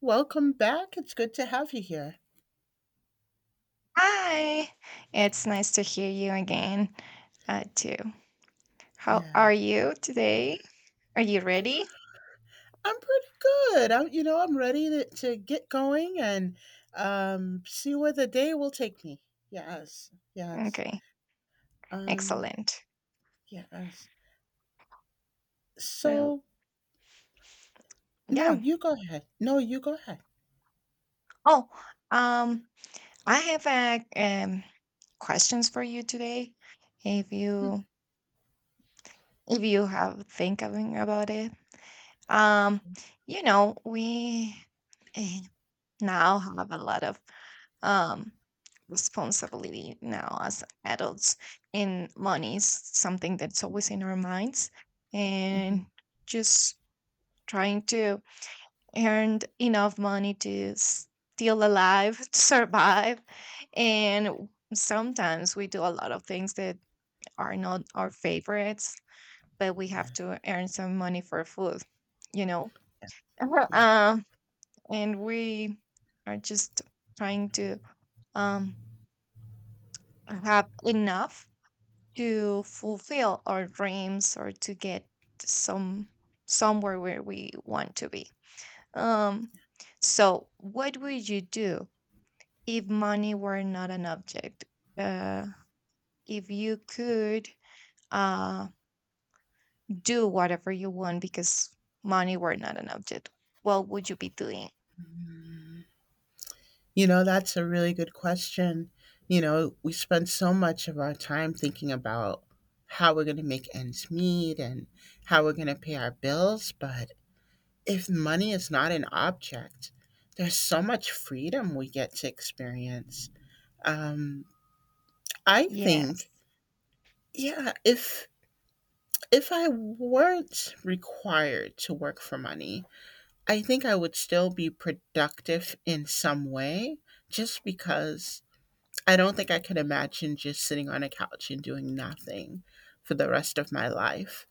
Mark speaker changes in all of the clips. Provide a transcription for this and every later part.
Speaker 1: Welcome back, it's good to have you here.
Speaker 2: Hi. It's nice to hear you again, too. How are
Speaker 1: Yes.
Speaker 2: you today? Are you
Speaker 1: I'm pre
Speaker 2: ready?
Speaker 1: I'm pretty good, I'm I'm ready to get going and see where the day will take me. Yes, yes,
Speaker 2: Okay,
Speaker 1: um,
Speaker 2: excellent.
Speaker 1: yes.
Speaker 2: So,
Speaker 1: So no,
Speaker 2: yeah.
Speaker 1: you go ahead. No, you go ahead.
Speaker 2: Oh, um, I have a questions for you today. If you if you have thinking about it, um, we eh, now have a lot of um, responsibility now as adults. And money is something that's always in our minds.
Speaker 1: Mhm,
Speaker 2: And just trying to earn enough money to still alive, to survive. And sometimes we do a lot of things that are not our favorites, but we have
Speaker 1: yeah,
Speaker 2: to earn some money for food, you know?
Speaker 1: yeah,
Speaker 2: Uh, and we are just trying to um have enough to fulfill our dreams or to get some somewhere where we want to be. Um, so what would you do if money were not an object? Uh, if you could uh, do whatever you want because money were not an object, what would you be doing?
Speaker 1: yeah. You know, that's a really good question. You know, we spend so much of our time thinking about how we're gonna make ends meet and how we're gonna pay our bills, but if money is not an object, there's so much freedom we get to experience. Um, I
Speaker 2: Yes.
Speaker 1: think, yeah, if I weren't required to work for money, I think I would still be productive in some way, just because I don't think I could imagine just sitting on a couch and doing nothing for the rest of my life.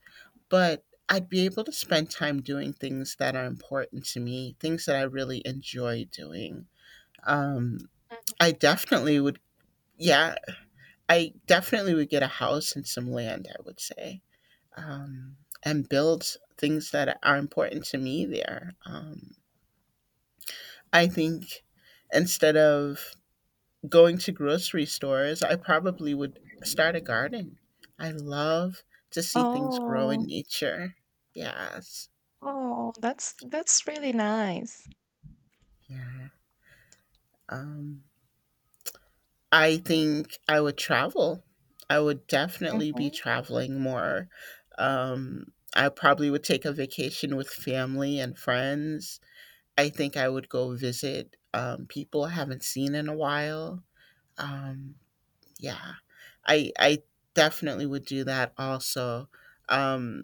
Speaker 1: But I'd be able to spend time doing things that are important to me, things that I really enjoy doing Um, I definitely would. Yeah, I definitely would get a house and some land. I would say, um, and build things that are important to me there. I think instead of going to grocery stores, I probably would start a garden. I love to see things grow in
Speaker 2: Oh,
Speaker 1: nature. Yes.
Speaker 2: oh, that's really nice.
Speaker 1: Yeah. Um, I think I would travel. I would definitely be traveling more. Um, I probably would take a vacation with family and friends. I think I would go visit people I haven't seen in a while. Um, yeah, I definitely would do that. Also, um,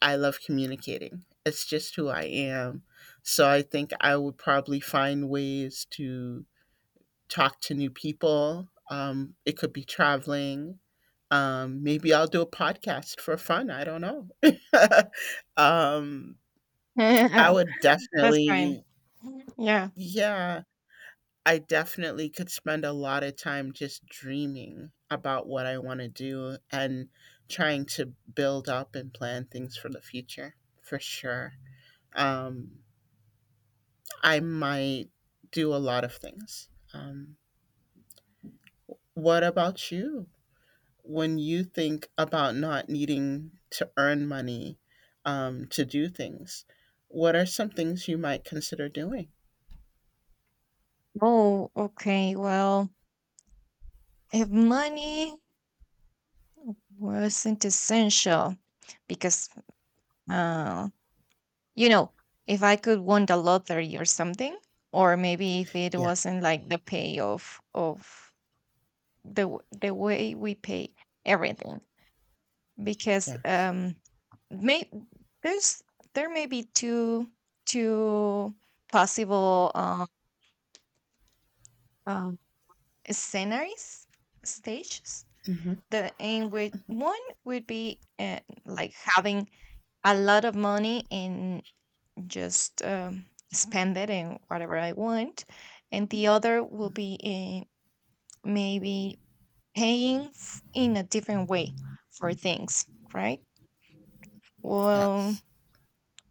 Speaker 1: I love communicating. It's just who I am. So I think I would probably find ways to talk to new people. It could be traveling. Maybe I'll do a podcast for fun. I don't know. um, I would
Speaker 2: That's fine.
Speaker 1: definitely,
Speaker 2: Yeah.
Speaker 1: yeah, I definitely could spend a lot of time just dreaming about what I want to do and trying to build up and plan things for the future, for sure. Um, I might do a lot of things. What about you? When you think about not needing to earn money to do things, what are some things you might consider doing?
Speaker 2: Oh, okay. Well, if money wasn't essential, because uh, you know, if I could win the lottery or something, or maybe if it
Speaker 1: Yeah.
Speaker 2: wasn't like the payoff of the way we pay everything, because
Speaker 1: Yes.
Speaker 2: may there's there may be two two possible uh, sceneries stages
Speaker 1: hmm
Speaker 2: the in which one would be like having a lot of money and just spend it in whatever I want, and the other will be in maybe paying in a different way for things, right. Well,
Speaker 1: Yes.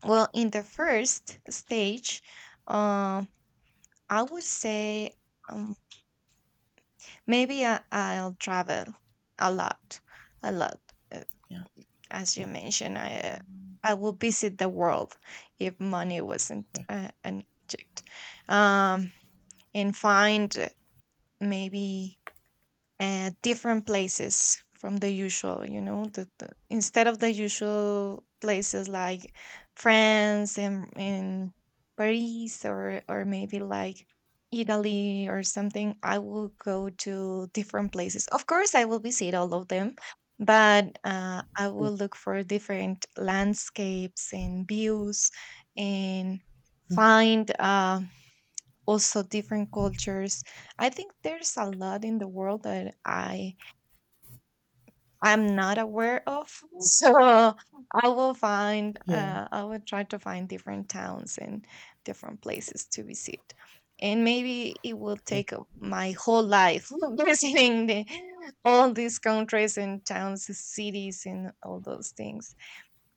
Speaker 2: well, in the first stage, um I would say, um, maybe I'll travel a lot a lot, eh,
Speaker 1: Yeah.
Speaker 2: as you
Speaker 1: Yeah.
Speaker 2: mentioned, I would visit the world if money wasn't
Speaker 1: Yeah.
Speaker 2: an object, um, and find maybe at different places from the usual, you know the instead of the usual places like France and in Paris, or maybe like Italy or something. I will go to different places, of course I will visit all of them, but I will look for different landscapes and views, and
Speaker 1: Mhm.
Speaker 2: find also different cultures. I think there's a lot in the world that I'm not aware of, so
Speaker 1: Yeah.
Speaker 2: I will try to find different towns and different places to visit, and maybe it will
Speaker 1: Yeah.
Speaker 2: take my whole life visiting all these countries and towns and cities and all those things.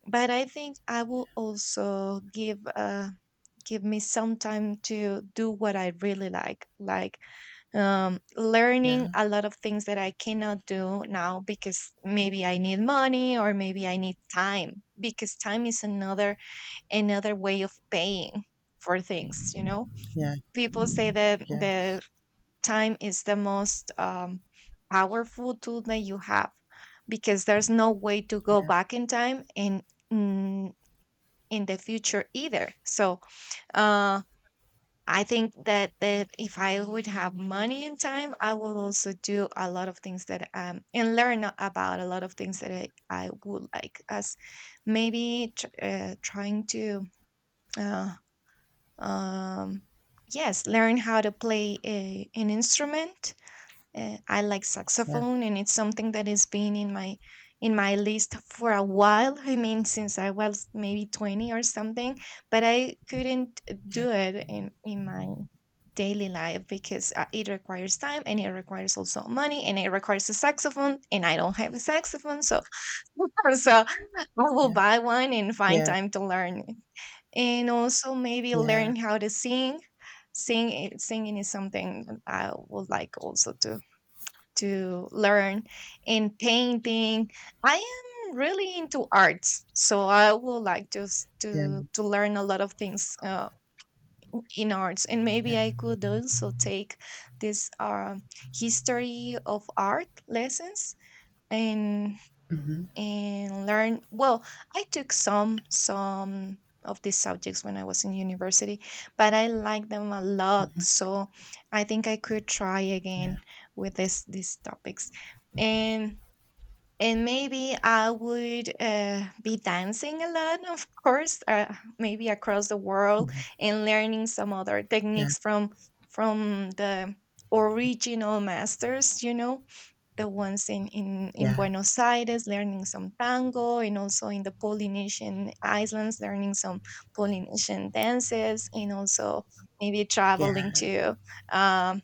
Speaker 2: But I think I will also give me some time to do what I really like, learning
Speaker 1: Yeah.
Speaker 2: a lot of things that I cannot do now because maybe I need money or maybe I need time, because time is another way of paying for things.
Speaker 1: Yeah.
Speaker 2: People say that
Speaker 1: Yes.
Speaker 2: the time is the most powerful tool that you have, because there's no way to go
Speaker 1: Yeah.
Speaker 2: back in time, and mm, in the future either. So uh I think that if I would have money and time, I will also do a lot of things that and learn about a lot of things that I would like. As maybe trying to uh, um yes learn how to play an instrument. I like
Speaker 1: Yeah.
Speaker 2: saxophone, and it's something that has been in my list for a while. I mean, since I was maybe 20 or something, but I couldn't
Speaker 1: Yeah.
Speaker 2: do it in my daily life, because it requires time and it requires also money and it requires a saxophone, and I don't have a saxophone, so so I will
Speaker 1: Yeah.
Speaker 2: buy one and find
Speaker 1: Yeah.
Speaker 2: time to learn it. And also maybe
Speaker 1: Yeah.
Speaker 2: learn how to singing is something that I would like also to learn. And painting, I am really into arts, so I would like to s-
Speaker 1: Yeah.
Speaker 2: to learn a lot of things, in arts. And
Speaker 1: Yeah.
Speaker 2: maybe I could also take this history of art lessons, and
Speaker 1: Mm-hmm.
Speaker 2: and learn. Well, I took some of these subjects when I was in university, but I like them a lot,
Speaker 1: Mm-hmm.
Speaker 2: so I think I could try
Speaker 1: Yeah.
Speaker 2: again with this these topics. And and maybe I would, be dancing a lot, of course, maybe across the world,
Speaker 1: Yeah.
Speaker 2: and learning some other
Speaker 1: Yeah.
Speaker 2: techniques from the original masters, the ones in
Speaker 1: Yeah.
Speaker 2: Buenos Aires learning some tango, and also in the Polynesian islands learning some Polynesian dances, and also maybe traveling
Speaker 1: Yeah.
Speaker 2: to, um,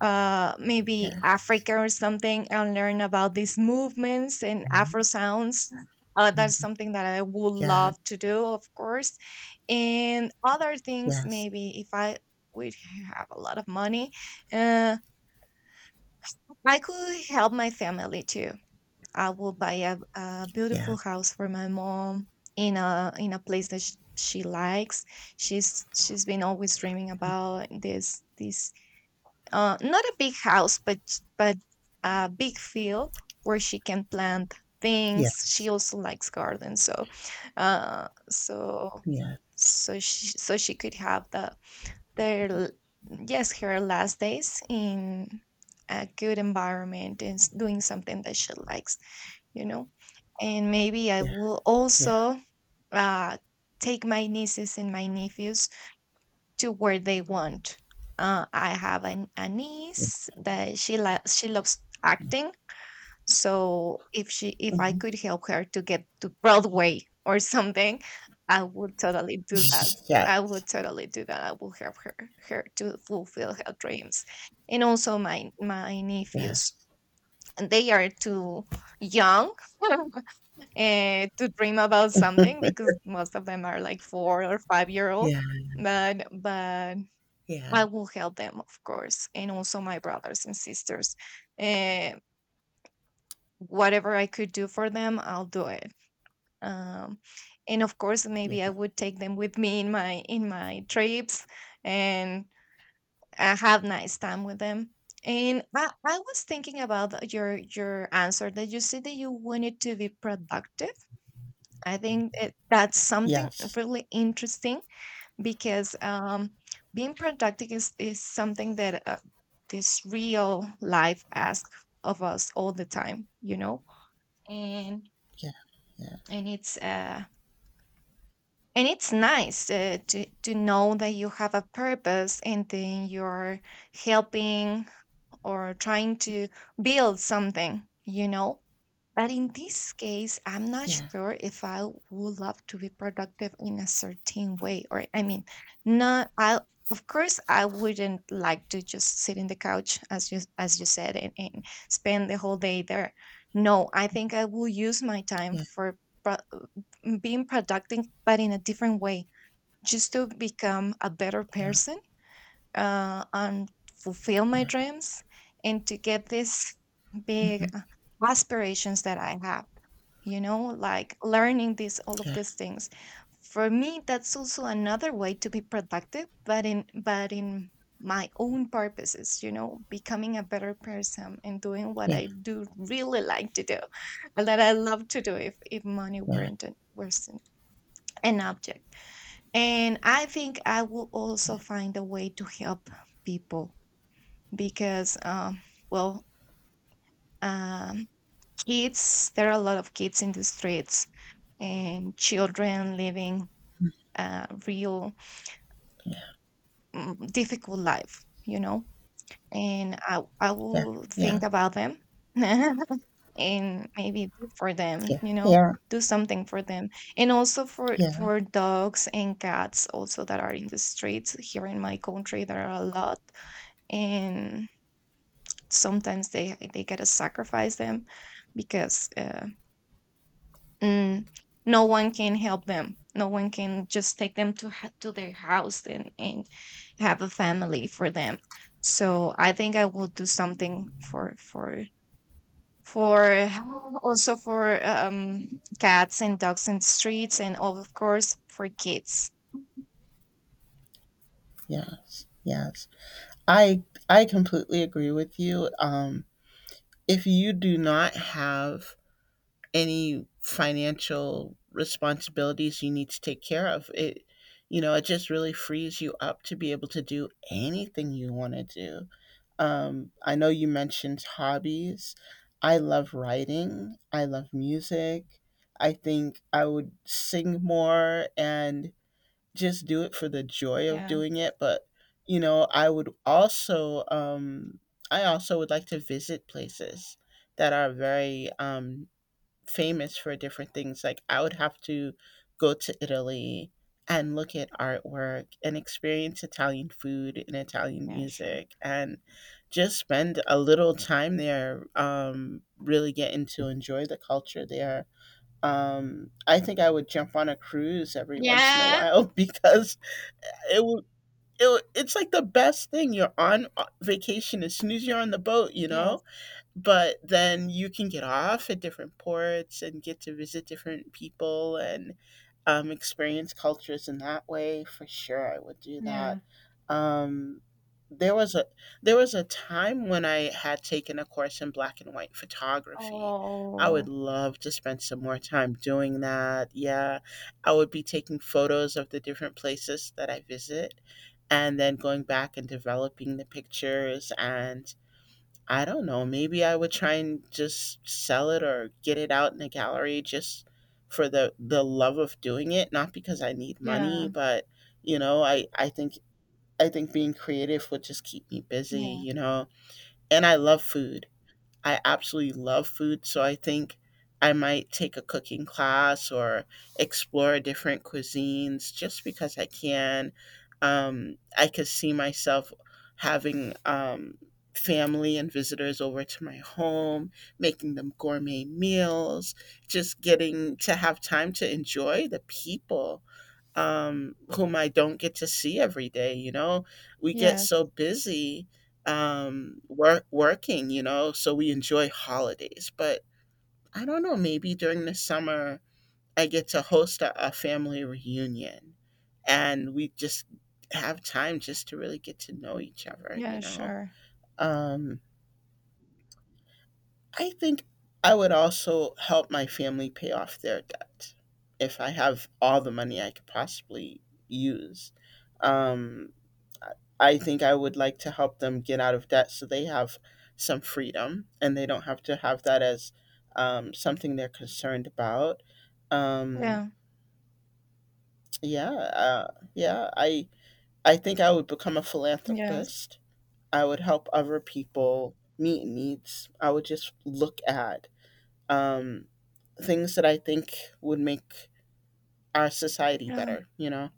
Speaker 2: maybe
Speaker 1: Yes.
Speaker 2: Africa or something, and learn about these movements and Afro
Speaker 1: Mm-hmm.
Speaker 2: sounds. That's
Speaker 1: Mm-hmm.
Speaker 2: something that I would
Speaker 1: Yes.
Speaker 2: love to do, of course. And other things,
Speaker 1: Yes.
Speaker 2: maybe if I would have a lot of money, uh, I could help my family too. I will buy a
Speaker 1: Yeah.
Speaker 2: beautiful house for my mom, in a place that she likes. She's been always dreaming about this this not a big house, but a big field where she can plant
Speaker 1: Yeah.
Speaker 2: things. She also likes gardens, so uh, so
Speaker 1: Yeah.
Speaker 2: so she could have the their l- yes her last days in a good environment, and doing something that she likes, you know. And maybe I
Speaker 1: Yeah.
Speaker 2: will
Speaker 1: Yeah.
Speaker 2: also uh, take my nieces and my nephews to where they want. I have a niece that she loves acting. So if I
Speaker 1: Mm-hmm.
Speaker 2: could help her to get to Broadway or something, I would totally do that. I
Speaker 1: Yes,
Speaker 2: would totally do that. I will help her to fulfill her dreams. And also my nephews,
Speaker 1: yes,
Speaker 2: and they are too young to dream about something, because most of them are like 4 or 5 year old.
Speaker 1: yeah,
Speaker 2: But
Speaker 1: yeah,
Speaker 2: I will help them, of course, and also my brothers and sisters. Eh, whatever I could do for them, I'll do it. Um, and of course,
Speaker 1: yeah,
Speaker 2: maybe I would take them with me in my trips, and have nice time with them. And I was thinking about your answer that you said that you wanted to be productive. I think that that's something
Speaker 1: yes,
Speaker 2: really interesting, because being productive is something that this real life asks of us all the time, and
Speaker 1: yeah, yeah,
Speaker 2: and it's uh and it's nice, to know that you have a purpose, and then you're helping or trying to build something. But in this case, I'm not
Speaker 1: yeah,
Speaker 2: sure if I would love to be productive in a certain way. Or, I mean, not, I of course, I wouldn't like to just sit in the couch, as you said, and spend the whole day there. No, I think I will use my time
Speaker 1: yeah,
Speaker 2: for pro- being productive, but in a different way, just to become a better
Speaker 1: yeah,
Speaker 2: person, and fulfill my
Speaker 1: yeah,
Speaker 2: dreams, and to get these big,
Speaker 1: mhm,
Speaker 2: aspirations that I have. Learning these all of
Speaker 1: yeah,
Speaker 2: these things. For me, that's also another way to be productive, but in my own purposes, becoming a better person and doing what
Speaker 1: yeah,
Speaker 2: I do really like to do, and that I love to do if, money
Speaker 1: yeah,
Speaker 2: weren't an, wasn't an object. And I think I will also find a way to help people, because, well, um, kids, there are a lot of kids in the streets, and children living a real, difficult life, you know? And I
Speaker 1: yeah,
Speaker 2: will
Speaker 1: yeah,
Speaker 2: think about them and maybe do for them,
Speaker 1: yeah, yeah,
Speaker 2: do something for them. And also for,
Speaker 1: yeah, yeah,
Speaker 2: for dogs and cats also that are in the streets here in my country, there are a lot, and sometimes they gotta sacrifice them, because mm, no one can help them. No one can just take them to their house, and have a family for them. So I think I will do something for also for cats and dogs in the streets, and of course for kids.
Speaker 1: yes, yes. I I completely agree with you. If you do not have any financial responsibilities you need to take care of. It it just really frees you up to be able to do anything you want to do. I know you mentioned hobbies. I love writing. I love music. I think I would sing more and just do it for the joy of
Speaker 2: Yeah,
Speaker 1: doing it. But, you know, I would also I also would like to visit places that are very famous for different things. Like I would have to go to Italy and look at artwork and experience Italian food and Italian
Speaker 2: yeah, sure.
Speaker 1: music and just spend a little time there, really getting to enjoy the culture there. I think I would jump on a cruise every once in a
Speaker 2: Yeah.
Speaker 1: while because it would. It's like the best thing. You're on vacation as soon as you're on the boat, you
Speaker 2: Yes,
Speaker 1: know? But then you can get off at different ports and get to visit different people and experience cultures in that way. For sure I would do that.
Speaker 2: yeah.
Speaker 1: um, there was a there was a time when I had taken a course in black and white photography. I would
Speaker 2: Oh.
Speaker 1: love to spend some more time doing that. Yeah, I would be taking photos of the different places that I visit and then going back and developing the pictures and I don't know. Maybe I would try and just sell it or get it out in a gallery just for the love of doing it, not because I need money,
Speaker 2: Yeah,
Speaker 1: but you know, I think being creative would just keep me busy,
Speaker 2: yeah.
Speaker 1: you know. And I love food. I absolutely love food, so I think I might take a cooking class or explore different cuisines just because I can. I could see myself having family and visitors over to my home, making them gourmet meals, just getting to have time to enjoy the people whom I don't get to see every day. You know, we get
Speaker 2: Yes.
Speaker 1: so busy working, you know, so we enjoy holidays. But I don't know, maybe during the summer, I get to host a family reunion and we just have time just to really get to know each other, you
Speaker 2: Yeah,
Speaker 1: know.
Speaker 2: sure.
Speaker 1: Um, I think I would also help my family pay off their debt if I have all the money I could possibly use. Um, I think I would like to help them get out of debt so they have some freedom and they don't have to have that as something they're concerned about. Um,
Speaker 2: Yeah,
Speaker 1: yeah, uh, yeah. I would become a
Speaker 2: yes.
Speaker 1: philanthropist. I would help other people meet needs. I would just look at um, things that I think would make our society
Speaker 2: Yeah.
Speaker 1: better. You know,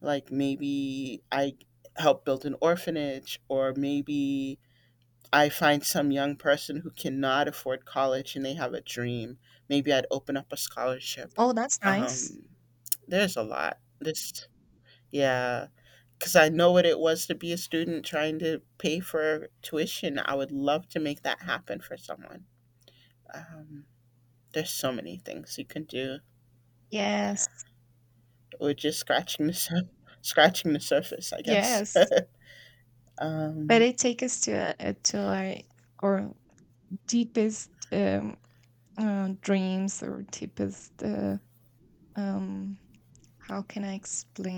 Speaker 1: like maybe I help build an orphanage, or maybe I find some young person who cannot afford college and they have a dream. Maybe I'd open up a scholarship.
Speaker 2: Oh, that's nice.
Speaker 1: Um, there's a lot. Yeah, because I know what it was to be a student trying to pay for tuition. I would love to make that happen for someone. Um, there's so many things you can do. Yeah,
Speaker 2: Yes,
Speaker 1: we're just scratching the surface, I guess.
Speaker 2: yes. But
Speaker 1: Um,
Speaker 2: it takes us to our our deepest, dreams or deepest, um, how can I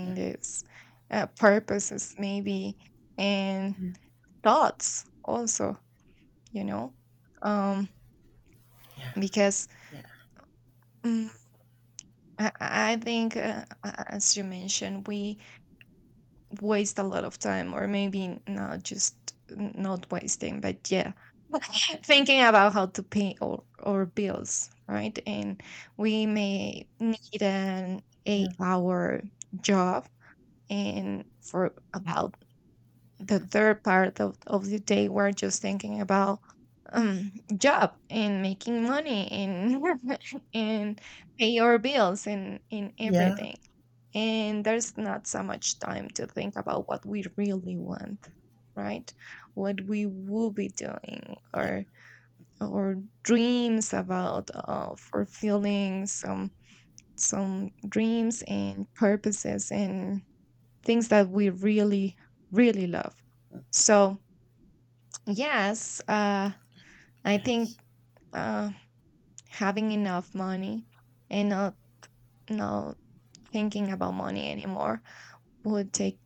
Speaker 1: yeah,
Speaker 2: this? Purposes maybe, and
Speaker 1: Mm.
Speaker 2: thoughts also, you know? Um
Speaker 1: Yeah,
Speaker 2: because
Speaker 1: yeah,
Speaker 2: mm, I think, as you mentioned, we waste a lot of time, or maybe not just not wasting, but yeah, thinking about how to pay our bills, right? And we may need an
Speaker 1: yeah,
Speaker 2: 8 hour job, and for about the
Speaker 1: Mm.
Speaker 2: third part of the day we're just thinking about job and making money and and pay our bills and
Speaker 1: yeah,
Speaker 2: everything, and there's not so much time to think about what we really want, right, what we will be doing
Speaker 1: yeah,
Speaker 2: or dreams about fulfilling some dreams and purposes and things that we really really love. So yes, I
Speaker 1: yes,
Speaker 2: think uh, having enough money and not not thinking about money anymore would take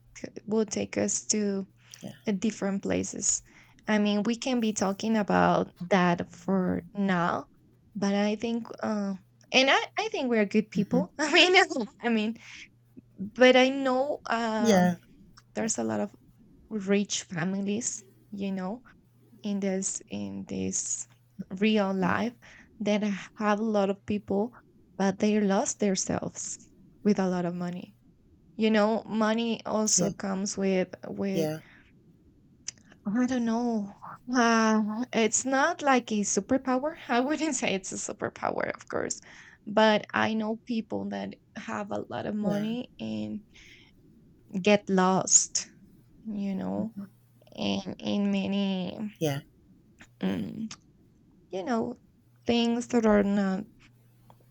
Speaker 2: would take us to
Speaker 1: yeah,
Speaker 2: different places. I mean, we can be talking about that for now, but I think and I think we're good
Speaker 1: hmm
Speaker 2: people. I mean, I mean, but I know
Speaker 1: yeah. Yeah.
Speaker 2: there's a lot of rich families, you know, in this real
Speaker 1: Mhm.
Speaker 2: life that have a lot of people but they lost themselves with a lot of money. You know, money
Speaker 1: Yeah.
Speaker 2: also comes with
Speaker 1: Yeah.
Speaker 2: I don't know, it's not like a superpower. I wouldn't say it's a superpower, of course, but I know people that have a lot of
Speaker 1: Yeah.
Speaker 2: money and get lost, you know,
Speaker 1: Mhm.
Speaker 2: in many
Speaker 1: Yeah. Yeah.
Speaker 2: mm, you know things that are not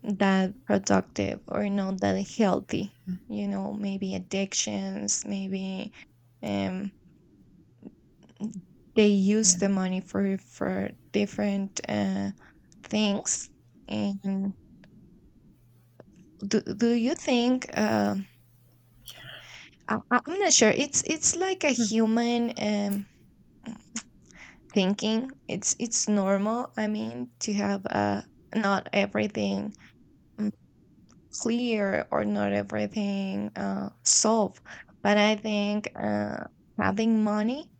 Speaker 2: that productive or not that healthy.
Speaker 1: Mhm.
Speaker 2: You know, maybe addictions, maybe um they use
Speaker 1: Yeah.
Speaker 2: the money for different things. And do you think I'm not sure it's like a
Speaker 1: Mhm.
Speaker 2: human thinking. It's normal, I mean, to have not everything clear or not everything solved. But I think having money,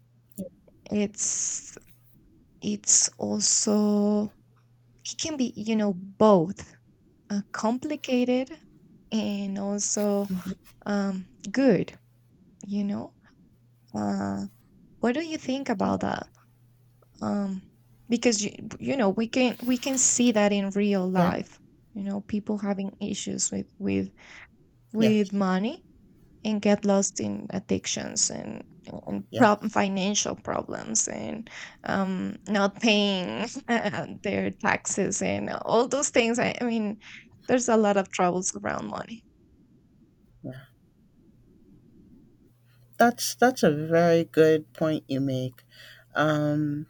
Speaker 2: it's it's also it can be both complicated and also
Speaker 1: Mhm.
Speaker 2: good. You know, uh, what do you think
Speaker 1: Yeah.
Speaker 2: about that? Um, because you you know we can see that in real
Speaker 1: Yeah.
Speaker 2: life. You know, people having issues with
Speaker 1: Yes.
Speaker 2: money and get lost in addictions and
Speaker 1: Yes.
Speaker 2: financial problems and not paying their taxes and all those things. I mean, there's a lot of troubles around money.
Speaker 1: Yeah. That's a very good point you make. Um,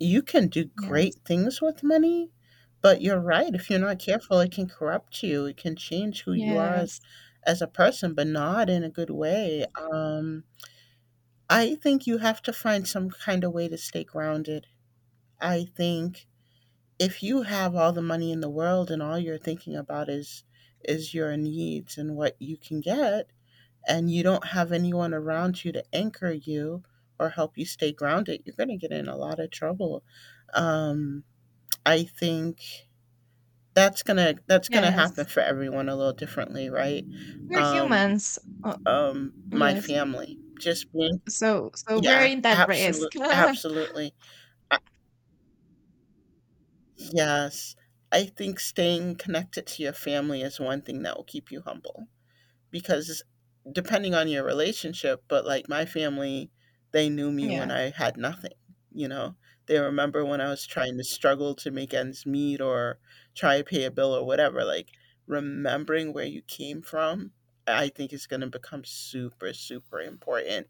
Speaker 1: you can do great
Speaker 2: Yes,
Speaker 1: things with money, but you're right. If you're not careful, it can corrupt you. It can change who you are
Speaker 2: yes,
Speaker 1: as a person, but not in a good way. I think you have to find some kind of way to stay grounded. I think if you have all the money in the world and all you're thinking about is your needs and what you can get and you don't have anyone around you to anchor you or help you stay grounded, you're going to get in a lot of trouble. um, I think that's going to happen
Speaker 2: yes.
Speaker 1: for everyone a little differently, right?
Speaker 2: We're
Speaker 1: um,
Speaker 2: humans. Uh,
Speaker 1: my
Speaker 2: yes.
Speaker 1: family just being
Speaker 2: So so we're
Speaker 1: yeah,
Speaker 2: in that risk.
Speaker 1: absolutely absolutely. Yes. I think staying connected to your family is one thing that will keep you humble because depending on your relationship, but like my family, they knew me when
Speaker 2: Yeah.
Speaker 1: I had nothing, you know. They remember when I was trying to struggle to make ends meet or try to pay a bill or whatever. Like remembering where you came from, I think is going to become super super important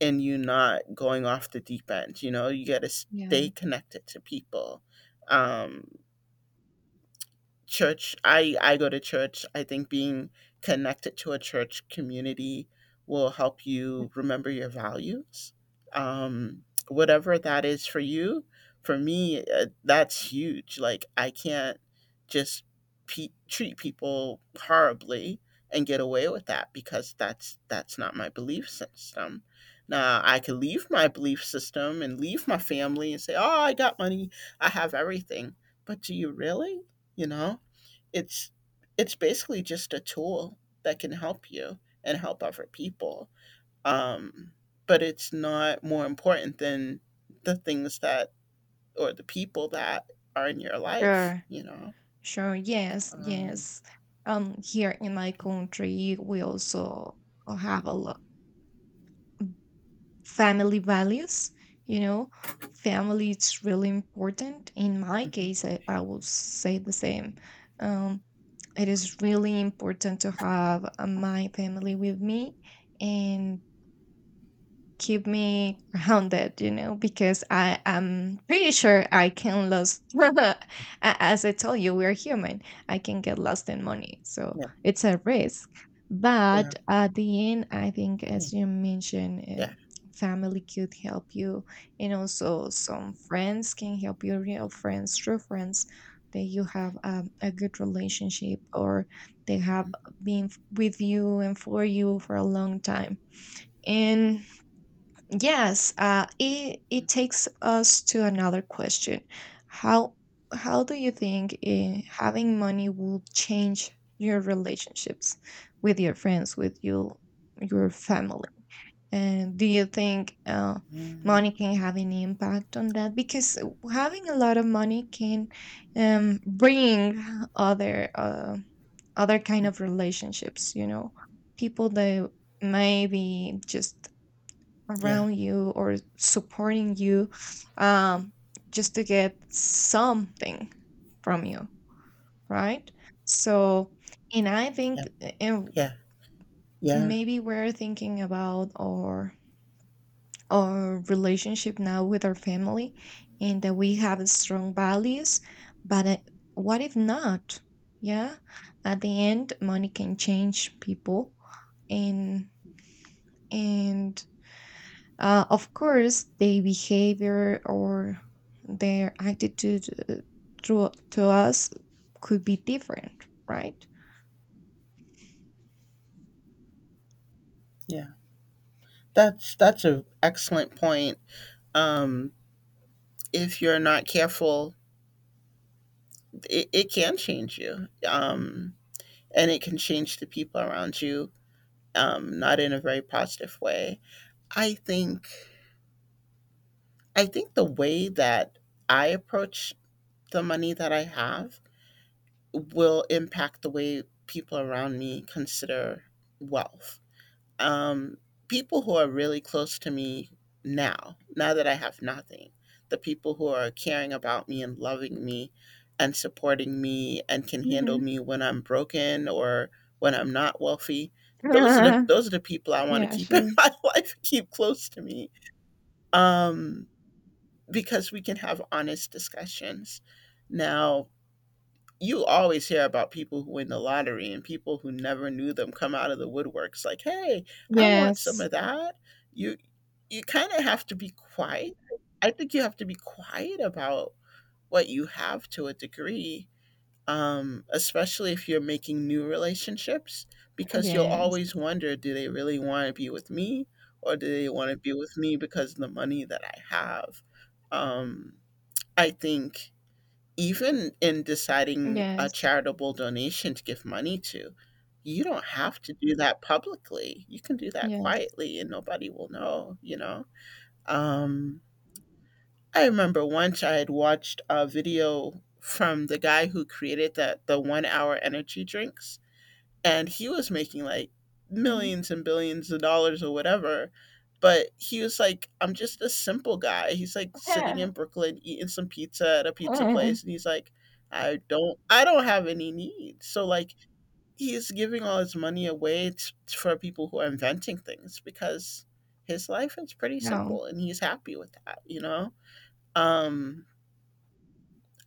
Speaker 1: and you not going off the deep end, you know. You got to
Speaker 2: Yeah.
Speaker 1: stay connected to people. Um church I go to church. I think being connected to a church community will help you remember your values um whatever that is for you. For me that's huge. Like I can't just treat people horribly and get away with that because that's not my belief system. Now I could leave my belief system and leave my family and say, oh, I got money, I have everything, but do you really, you know, it's it's basically just a tool that can help you and help other people. Um, but it's not more important than the things that or the people that are in your life.
Speaker 2: Sure,
Speaker 1: You know.
Speaker 2: sure. Yes,
Speaker 1: Um,
Speaker 2: yes. Here in my country, we also have a lot family values. You know, family is really important. In my
Speaker 1: mhm.
Speaker 2: case, I will say the same. um, it is really important to have my family with me and keep me grounded, you know, because I am pretty sure I can lose.
Speaker 1: Yeah,
Speaker 2: As I told you, we're human. I can get lost in money, so
Speaker 1: yeah,
Speaker 2: it's a risk.
Speaker 1: yeah,
Speaker 2: But at the end, I think, as you mentioned,
Speaker 1: yeah,
Speaker 2: family could help you. And also, some friends can help you, real friends, true friends that you have a good relationship, or they have
Speaker 1: Mhm,
Speaker 2: been with you and for you for a long time. And yes, it it takes us to another question. How how do you think having money will change your relationships with your friends, with your family? And do you think
Speaker 1: mhm,
Speaker 2: money can have any impact on that? Because having a lot of money can bring other other kind
Speaker 1: mhm.
Speaker 2: of relationships. You know, people that maybe just
Speaker 1: Yeah,
Speaker 2: around you or supporting you, um, just to get something from you, right? So, and I
Speaker 1: yeah,
Speaker 2: think and
Speaker 1: yeah, yeah,
Speaker 2: maybe we're thinking about our relationship now with our family and that we have strong values, but what if not? Yeah, at the end, money can change people and and of course, their behavior or their attitude to us could be different, right?
Speaker 1: yeah. That's an excellent point. Um, if you're not careful, it can change you. And it can change the people around you, not in a very positive way. I think I think the way that I approach the money that I have will impact the way people around me consider wealth. um, people who are really close to me now, now that I have nothing, the people who are caring about me and loving me and supporting me and can handle
Speaker 2: Mm-hmm.
Speaker 1: me when I'm broken or when I'm not wealthy. Those are the people I want to
Speaker 2: Yeah,
Speaker 1: keep in
Speaker 2: sure.
Speaker 1: my life, keep close to me, um, because we can have honest discussions. Now, you always hear about people who win the lottery and people who never knew them come out of the woodworks like, "Hey, I want some
Speaker 2: Yes,
Speaker 1: of that." You you kind of have to be quiet. I think you have to be quiet about what you have to a degree, especially if you're making new relationships, because you'll
Speaker 2: yes,
Speaker 1: always wonder, do they really want to be with me, or do they want to be with me because of the money that I have? Um, I think even in deciding a
Speaker 2: yes,
Speaker 1: charitable donation to give money to, you don't have to do that publicly. You can do that
Speaker 2: yes.
Speaker 1: quietly and nobody will know, Um, I remember once I had watched a video from the guy who created the 1 hour energy drinks and he was making like
Speaker 2: Mm-hmm.
Speaker 1: millions and billions of dollars or whatever. But he was like, I'm just a simple guy. He's like sitting in Brooklyn eating some pizza at a pizza place, and he's like, I don't have any needs. So like, he's giving all his money away for people who are inventing things because his life is pretty
Speaker 2: No.
Speaker 1: simple, and he's happy with that, Um,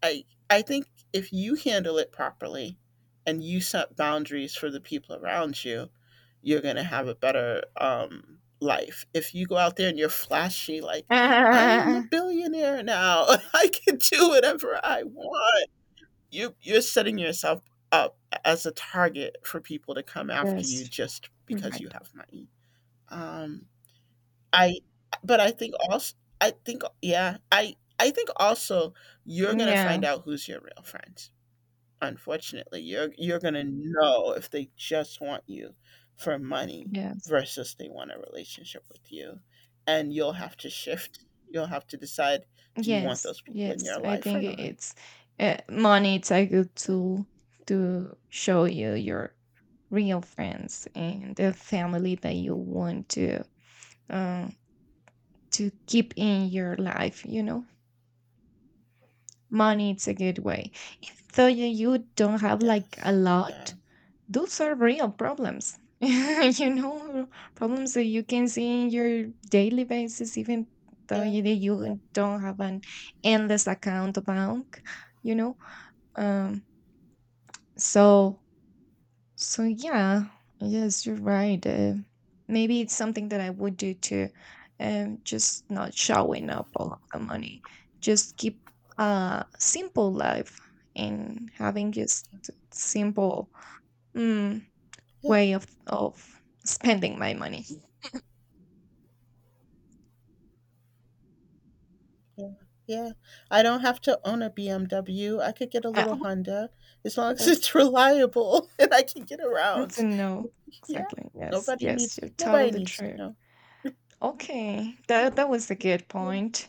Speaker 1: I I think if you handle it properly and you set boundaries for the people around you, you're gonna have a better life. If you go out there and you're flashy like, I am a
Speaker 2: Ah,
Speaker 1: billionaire now, I can do whatever I want. You're setting yourself up as a target for people to come after you
Speaker 2: yes,
Speaker 1: just
Speaker 2: you're
Speaker 1: because you
Speaker 2: right.
Speaker 1: have money. Um I But I think also I think yeah, I think also you're gonna
Speaker 2: Yeah,
Speaker 1: find out who's your real friends. Unfortunately, you're gonna know if they just want you for money
Speaker 2: yes.
Speaker 1: versus they want a relationship with you, and you'll have to shift. You'll have to decide: Do you want
Speaker 2: Yes,
Speaker 1: those people in your
Speaker 2: yes. I
Speaker 1: life or
Speaker 2: think
Speaker 1: not?
Speaker 2: it's
Speaker 1: Yeah,
Speaker 2: money. It's a good
Speaker 1: yeah,
Speaker 2: tool to show you your real friends and the family that you want uh, to keep in your life. You know, money. It's a good way. So you don't have like a
Speaker 1: yes. Yeah.
Speaker 2: lot. Those are real problems. You know, problems that you can see in your daily basis, even though
Speaker 1: Yeah.
Speaker 2: you
Speaker 1: Yeah.
Speaker 2: you don't have an endless account bank. You know. Um, so so yeah, yes, you're right. Maybe it's something that I would do too. Just not showing up all of the money. Just keep a simple life and having just simple mm,
Speaker 1: Yeah.
Speaker 2: way of spending my money.
Speaker 1: Yeah, yeah. I don't have to own a BMW, I could get a
Speaker 2: Ah,
Speaker 1: little Honda as long as
Speaker 2: yes,
Speaker 1: it's reliable and I can get
Speaker 2: it's a
Speaker 1: around.
Speaker 2: no.
Speaker 1: Yeah,
Speaker 2: Exactly. Yes, yes, you're
Speaker 1: nobody
Speaker 2: totally
Speaker 1: needs to
Speaker 2: true.
Speaker 1: know.
Speaker 2: Okay,
Speaker 1: Yeah.
Speaker 2: that that was a good
Speaker 1: Yeah,
Speaker 2: point.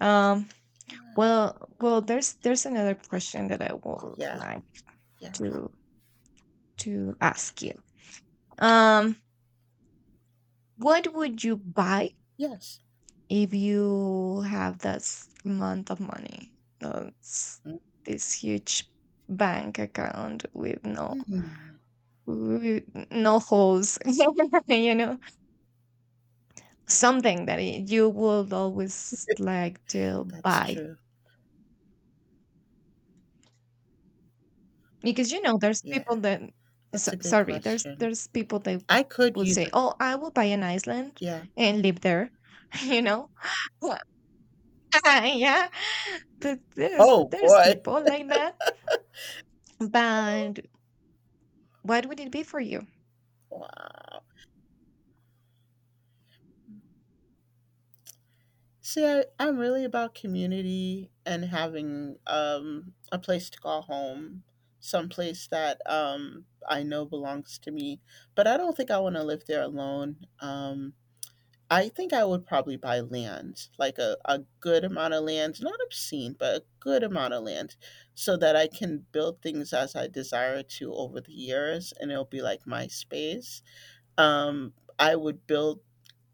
Speaker 2: Um,
Speaker 1: yeah,
Speaker 2: Well, well, there's another question that I would
Speaker 1: yeah,
Speaker 2: like
Speaker 1: yeah.
Speaker 2: to to ask you. Um, what would you buy
Speaker 1: Yes.
Speaker 2: if you have this amount of money? That's this huge bank account
Speaker 1: Mhm.
Speaker 2: with no holes, you know, something that you would always like to
Speaker 1: That's
Speaker 2: buy.
Speaker 1: true.
Speaker 2: Because you know, there's
Speaker 1: Yeah.
Speaker 2: people that
Speaker 1: That's
Speaker 2: so,
Speaker 1: a good
Speaker 2: sorry,
Speaker 1: question.
Speaker 2: there's people that
Speaker 1: I could
Speaker 2: would
Speaker 1: use a
Speaker 2: say, "Oh, I will buy an island
Speaker 1: yeah.
Speaker 2: and live there," you know. Well, yeah,
Speaker 1: Oh
Speaker 2: there's
Speaker 1: boy.
Speaker 2: people like that. But what would it be for you?
Speaker 1: Wow. See, I'm really about community and having a place to call home, some place that I know belongs to me. But I don't think I want to live there alone. I think I would probably buy land, like a good amount of land, not obscene, but a good amount of land, so that I can build things as I desire to over the years, and it'll be like my space. Um, I would build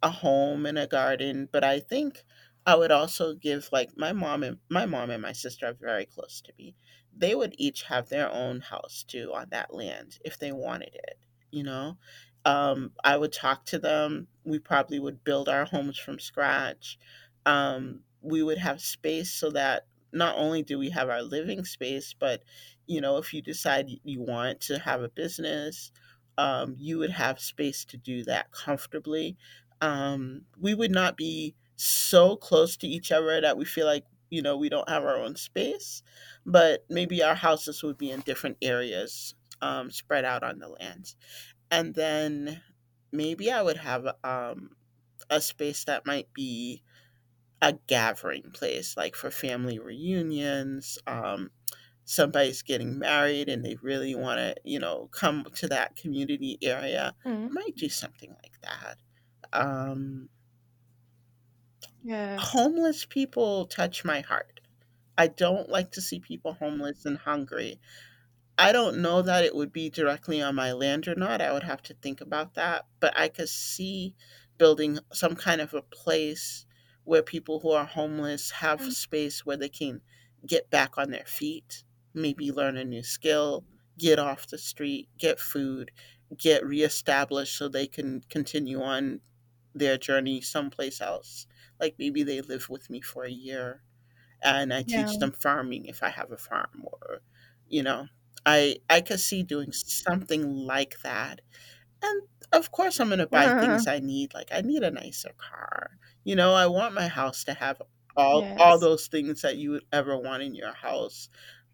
Speaker 1: a home and a garden, but I think I would also give like my mom and my sister are very close to me. They would each have their own house too on that land if they wanted it, you know. I would talk to them. We probably would build our homes from scratch. We would have space so that not only do we have our living space, but you know, if you decide you want to have a business, you would have space to do that comfortably, we would not be so close to each other that we feel like you know we don't have our own space, but maybe our houses would be in different areas, spread out on the lands. And then maybe I would have a space that might be a gathering place like for family reunions, somebody's getting married and they really want to you know come to that community area. I
Speaker 2: Mm,
Speaker 1: might do something like that. um,
Speaker 2: yes.
Speaker 1: Homeless people touch my heart. I don't like to see people homeless and hungry. I don't know that it would be directly on my land or not. I would have to think about that, but I could see building some kind of a place where people who are homeless have
Speaker 2: Mm,
Speaker 1: space where they can get back on their feet, maybe learn a new skill, get off the street, get food, get reestablished so they can continue on their journey someplace else. Like maybe they live with me for a year and I teach
Speaker 2: yeah.
Speaker 1: them farming if I have a farm or you know, I could see doing something like that. And of course I'm going to buy things I need like I need a nicer car. You know, I want my house to have all
Speaker 2: Yes.
Speaker 1: those things that you would ever want in your house.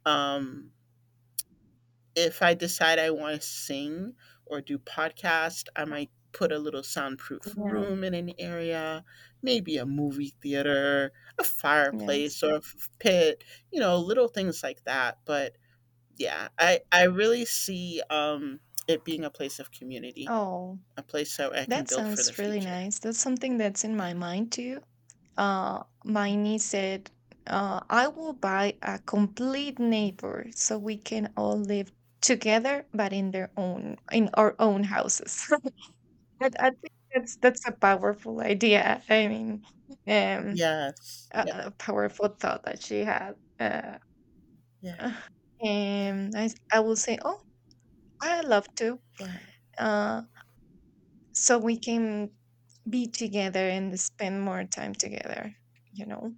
Speaker 1: Um if I decide I want to sing or do podcast, I might put a little soundproof
Speaker 2: Yeah.
Speaker 1: room in an area, maybe a movie theater, a
Speaker 2: Yes.
Speaker 1: fireplace or a pit, you know, little things like that. But yeah, I really see it being a place of community,
Speaker 2: Oh,
Speaker 1: a place that I can
Speaker 2: that
Speaker 1: build for the
Speaker 2: sounds really
Speaker 1: future.
Speaker 2: nice. That's something that's in my
Speaker 1: Yeah.
Speaker 2: mind too. My niece said, I will buy a complete neighbor so we can all live together, but in their own, in our own houses. But I think that's a powerful idea. I mean, um,
Speaker 1: Yes. Yeah.
Speaker 2: a powerful thought that she had.
Speaker 1: Yeah. Yeah.
Speaker 2: And I will say, oh, I love to.
Speaker 1: Yeah.
Speaker 2: Uh, so we can be together and spend more time together. You know.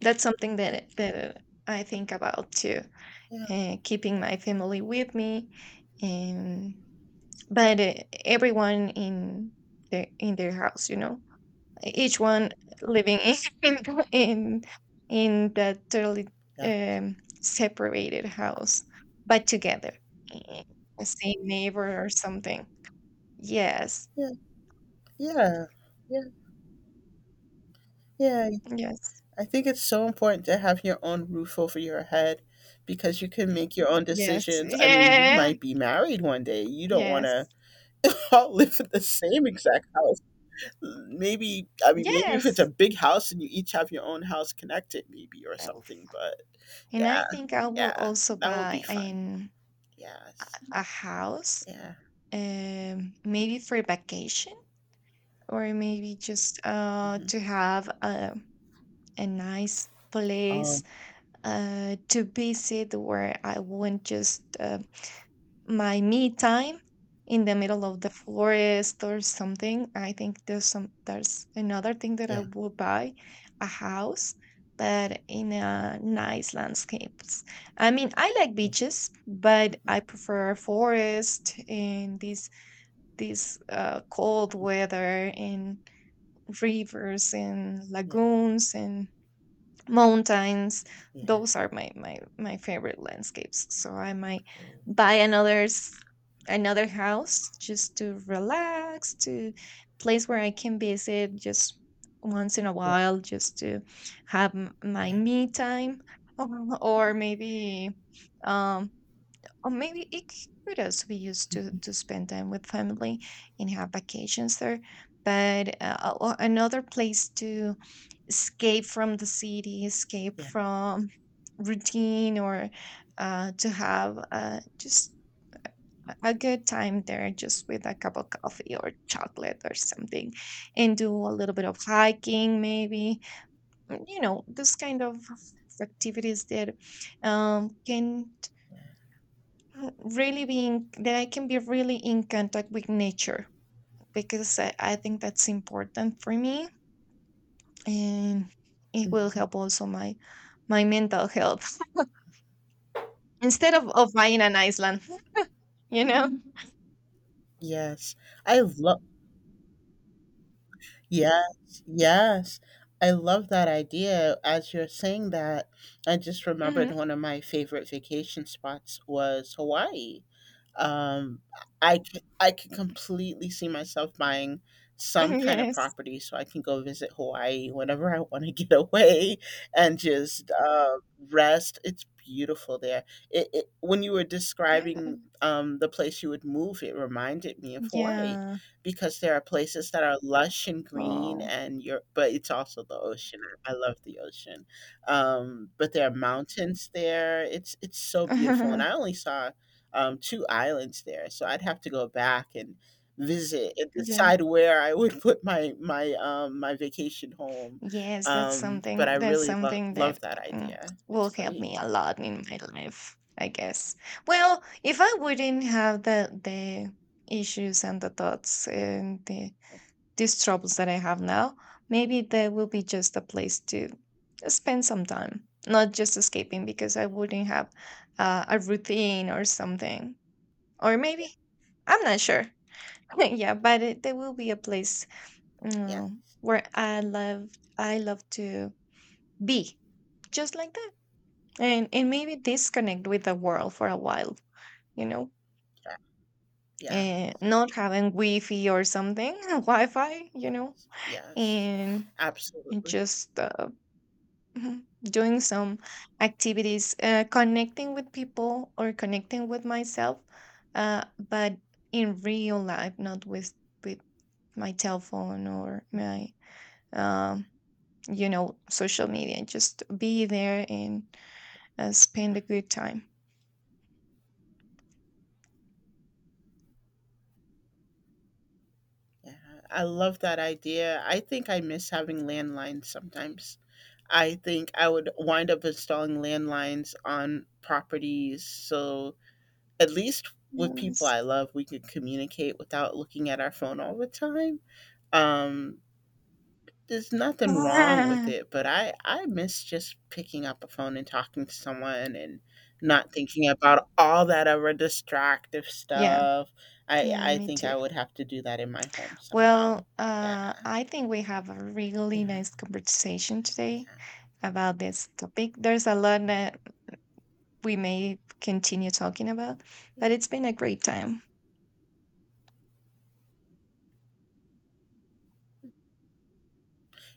Speaker 2: That's something that that I think about too,
Speaker 1: Yeah.
Speaker 2: keeping
Speaker 1: Yeah.
Speaker 2: my family with me, and but everyone in their house, you know, each one living in in in in that totally
Speaker 1: Yeah.
Speaker 2: separated house, but together, eh, the same neighbor or something. Yes,
Speaker 1: Yeah. Yeah. Yeah. Yeah.
Speaker 2: yes,
Speaker 1: I think it's so important to have your own roof over your head because you can make your own
Speaker 2: yes,
Speaker 1: decisions. I mean, you
Speaker 2: yeah,
Speaker 1: might be married one day. You don't want
Speaker 2: yes,
Speaker 1: to all live in the same exact house. Maybe, I mean, maybe if it's a
Speaker 2: yes.
Speaker 1: big house and you each have your own house connected, maybe or
Speaker 2: That will
Speaker 1: something. But
Speaker 2: and
Speaker 1: yeah,
Speaker 2: I think I will
Speaker 1: yeah,
Speaker 2: also
Speaker 1: that would be
Speaker 2: buy
Speaker 1: fun.
Speaker 2: an a
Speaker 1: Yes,
Speaker 2: a house,
Speaker 1: yeah.
Speaker 2: maybe for vacation or maybe just
Speaker 1: Hmm.
Speaker 2: to have a nice
Speaker 1: Oh,
Speaker 2: place to visit where I won't just my me time in the middle of the forest or something. I think there's some there's another thing that I
Speaker 1: yeah,
Speaker 2: would buy, a house but in a nice landscapes. I mean, I like
Speaker 1: yeah,
Speaker 2: beaches, but
Speaker 1: hmm,
Speaker 2: I prefer forest and these cold weather and rivers and
Speaker 1: yeah,
Speaker 2: lagoons and mountains.
Speaker 1: yeah,
Speaker 2: Those are my my my favorite landscapes. So I might
Speaker 1: oh,
Speaker 2: buy another house just to relax, to place where I can visit just once in a
Speaker 1: yeah,
Speaker 2: while, just to have my
Speaker 1: yeah,
Speaker 2: me time. Um, or maybe, um, or maybe it could also be used
Speaker 1: hmm,
Speaker 2: to spend time with family and have vacations there. But another place to escape from the city, escape
Speaker 1: yeah.
Speaker 2: from routine, or to have just a good time there, just with a cup of coffee or chocolate or something, and do a little bit of hiking, maybe. Mm, you know, this kind of activities that can really be in, that I can be really in contact with nature, because I think that's important for me. And it will
Speaker 1: Hmm.
Speaker 2: help also my mental health. Instead of buying an Iceland, you know?
Speaker 1: Yes, I love. Yes, yes. I love that idea. As you're saying that, I just remembered
Speaker 2: Hmm.
Speaker 1: one of my favorite vacation spots was Hawaii. Um, I could completely see myself buying some kind of
Speaker 2: Yes.
Speaker 1: property so I can go visit Hawaii whenever I want to get away and just rest. It's beautiful there. It when you were
Speaker 2: Yeah.
Speaker 1: describing the place you would move, it reminded me of Hawaii.
Speaker 2: Yeah.
Speaker 1: Because there are places that are lush and green
Speaker 2: Oh.
Speaker 1: and you're but it's also the ocean. I love the ocean. But there are mountains there. It's so beautiful, and I only saw, 2 islands there, so I'd have to go back and visit and decide
Speaker 2: Yeah.
Speaker 1: where I would put my vacation home.
Speaker 2: Yes,
Speaker 1: But I
Speaker 2: that's
Speaker 1: really
Speaker 2: something
Speaker 1: love
Speaker 2: that
Speaker 1: that
Speaker 2: mm,
Speaker 1: idea. It's
Speaker 2: will help
Speaker 1: great.
Speaker 2: me a lot in
Speaker 1: Um,
Speaker 2: my life, I guess. Well, if I wouldn't have the issues and the thoughts and the these troubles that I have now, maybe there will be just a place to spend some time, not just escaping because I wouldn't have a routine or something. Or maybe, I'm not sure. Yeah, but it, there will be a place
Speaker 1: yeah,
Speaker 2: uh, where I love to be, just like that, and maybe disconnect with the world for a while. You know,
Speaker 1: yeah, yeah,
Speaker 2: and not having Wi-Fi or something, Wi-Fi. You know,
Speaker 1: yes, yes,
Speaker 2: and and
Speaker 1: absolutely.
Speaker 2: just Mhm. Doing some activities, connecting with people or connecting with myself, but in real life, not with with my telephone or
Speaker 1: Mhm,
Speaker 2: my um, you know social media. Just be there and spend
Speaker 1: yeah.
Speaker 2: a good time.
Speaker 1: Yeah, I love that idea. I think I miss having landlines sometimes. I think I would wind up installing landlines on properties so at least with people
Speaker 2: Yes.
Speaker 1: I love, we could communicate without looking at our phone all the time. Um, there's nothing wrong with
Speaker 2: Ah.
Speaker 1: it, but I miss just picking up a phone and talking to someone and not thinking about all that other distractive
Speaker 2: Yeah,
Speaker 1: stuff.
Speaker 2: yeah,
Speaker 1: I
Speaker 2: me
Speaker 1: think
Speaker 2: too.
Speaker 1: I would have to do that in my home somehow.
Speaker 2: Well,
Speaker 1: Yeah.
Speaker 2: I think we have a
Speaker 1: Yeah,
Speaker 2: really nice conversation today
Speaker 1: yeah,
Speaker 2: about this topic. There's a lot that we may continue talking about.
Speaker 1: yeah.
Speaker 2: But it's been a great time.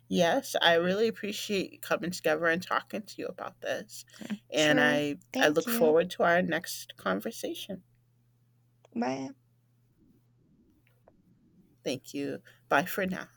Speaker 1: Yes, I really appreciate you coming together and talking to you about this. And
Speaker 2: Sure.
Speaker 1: I
Speaker 2: Thank
Speaker 1: look
Speaker 2: you.
Speaker 1: forward to our next conversation.
Speaker 2: Bye.
Speaker 1: Thank you. Bye for now.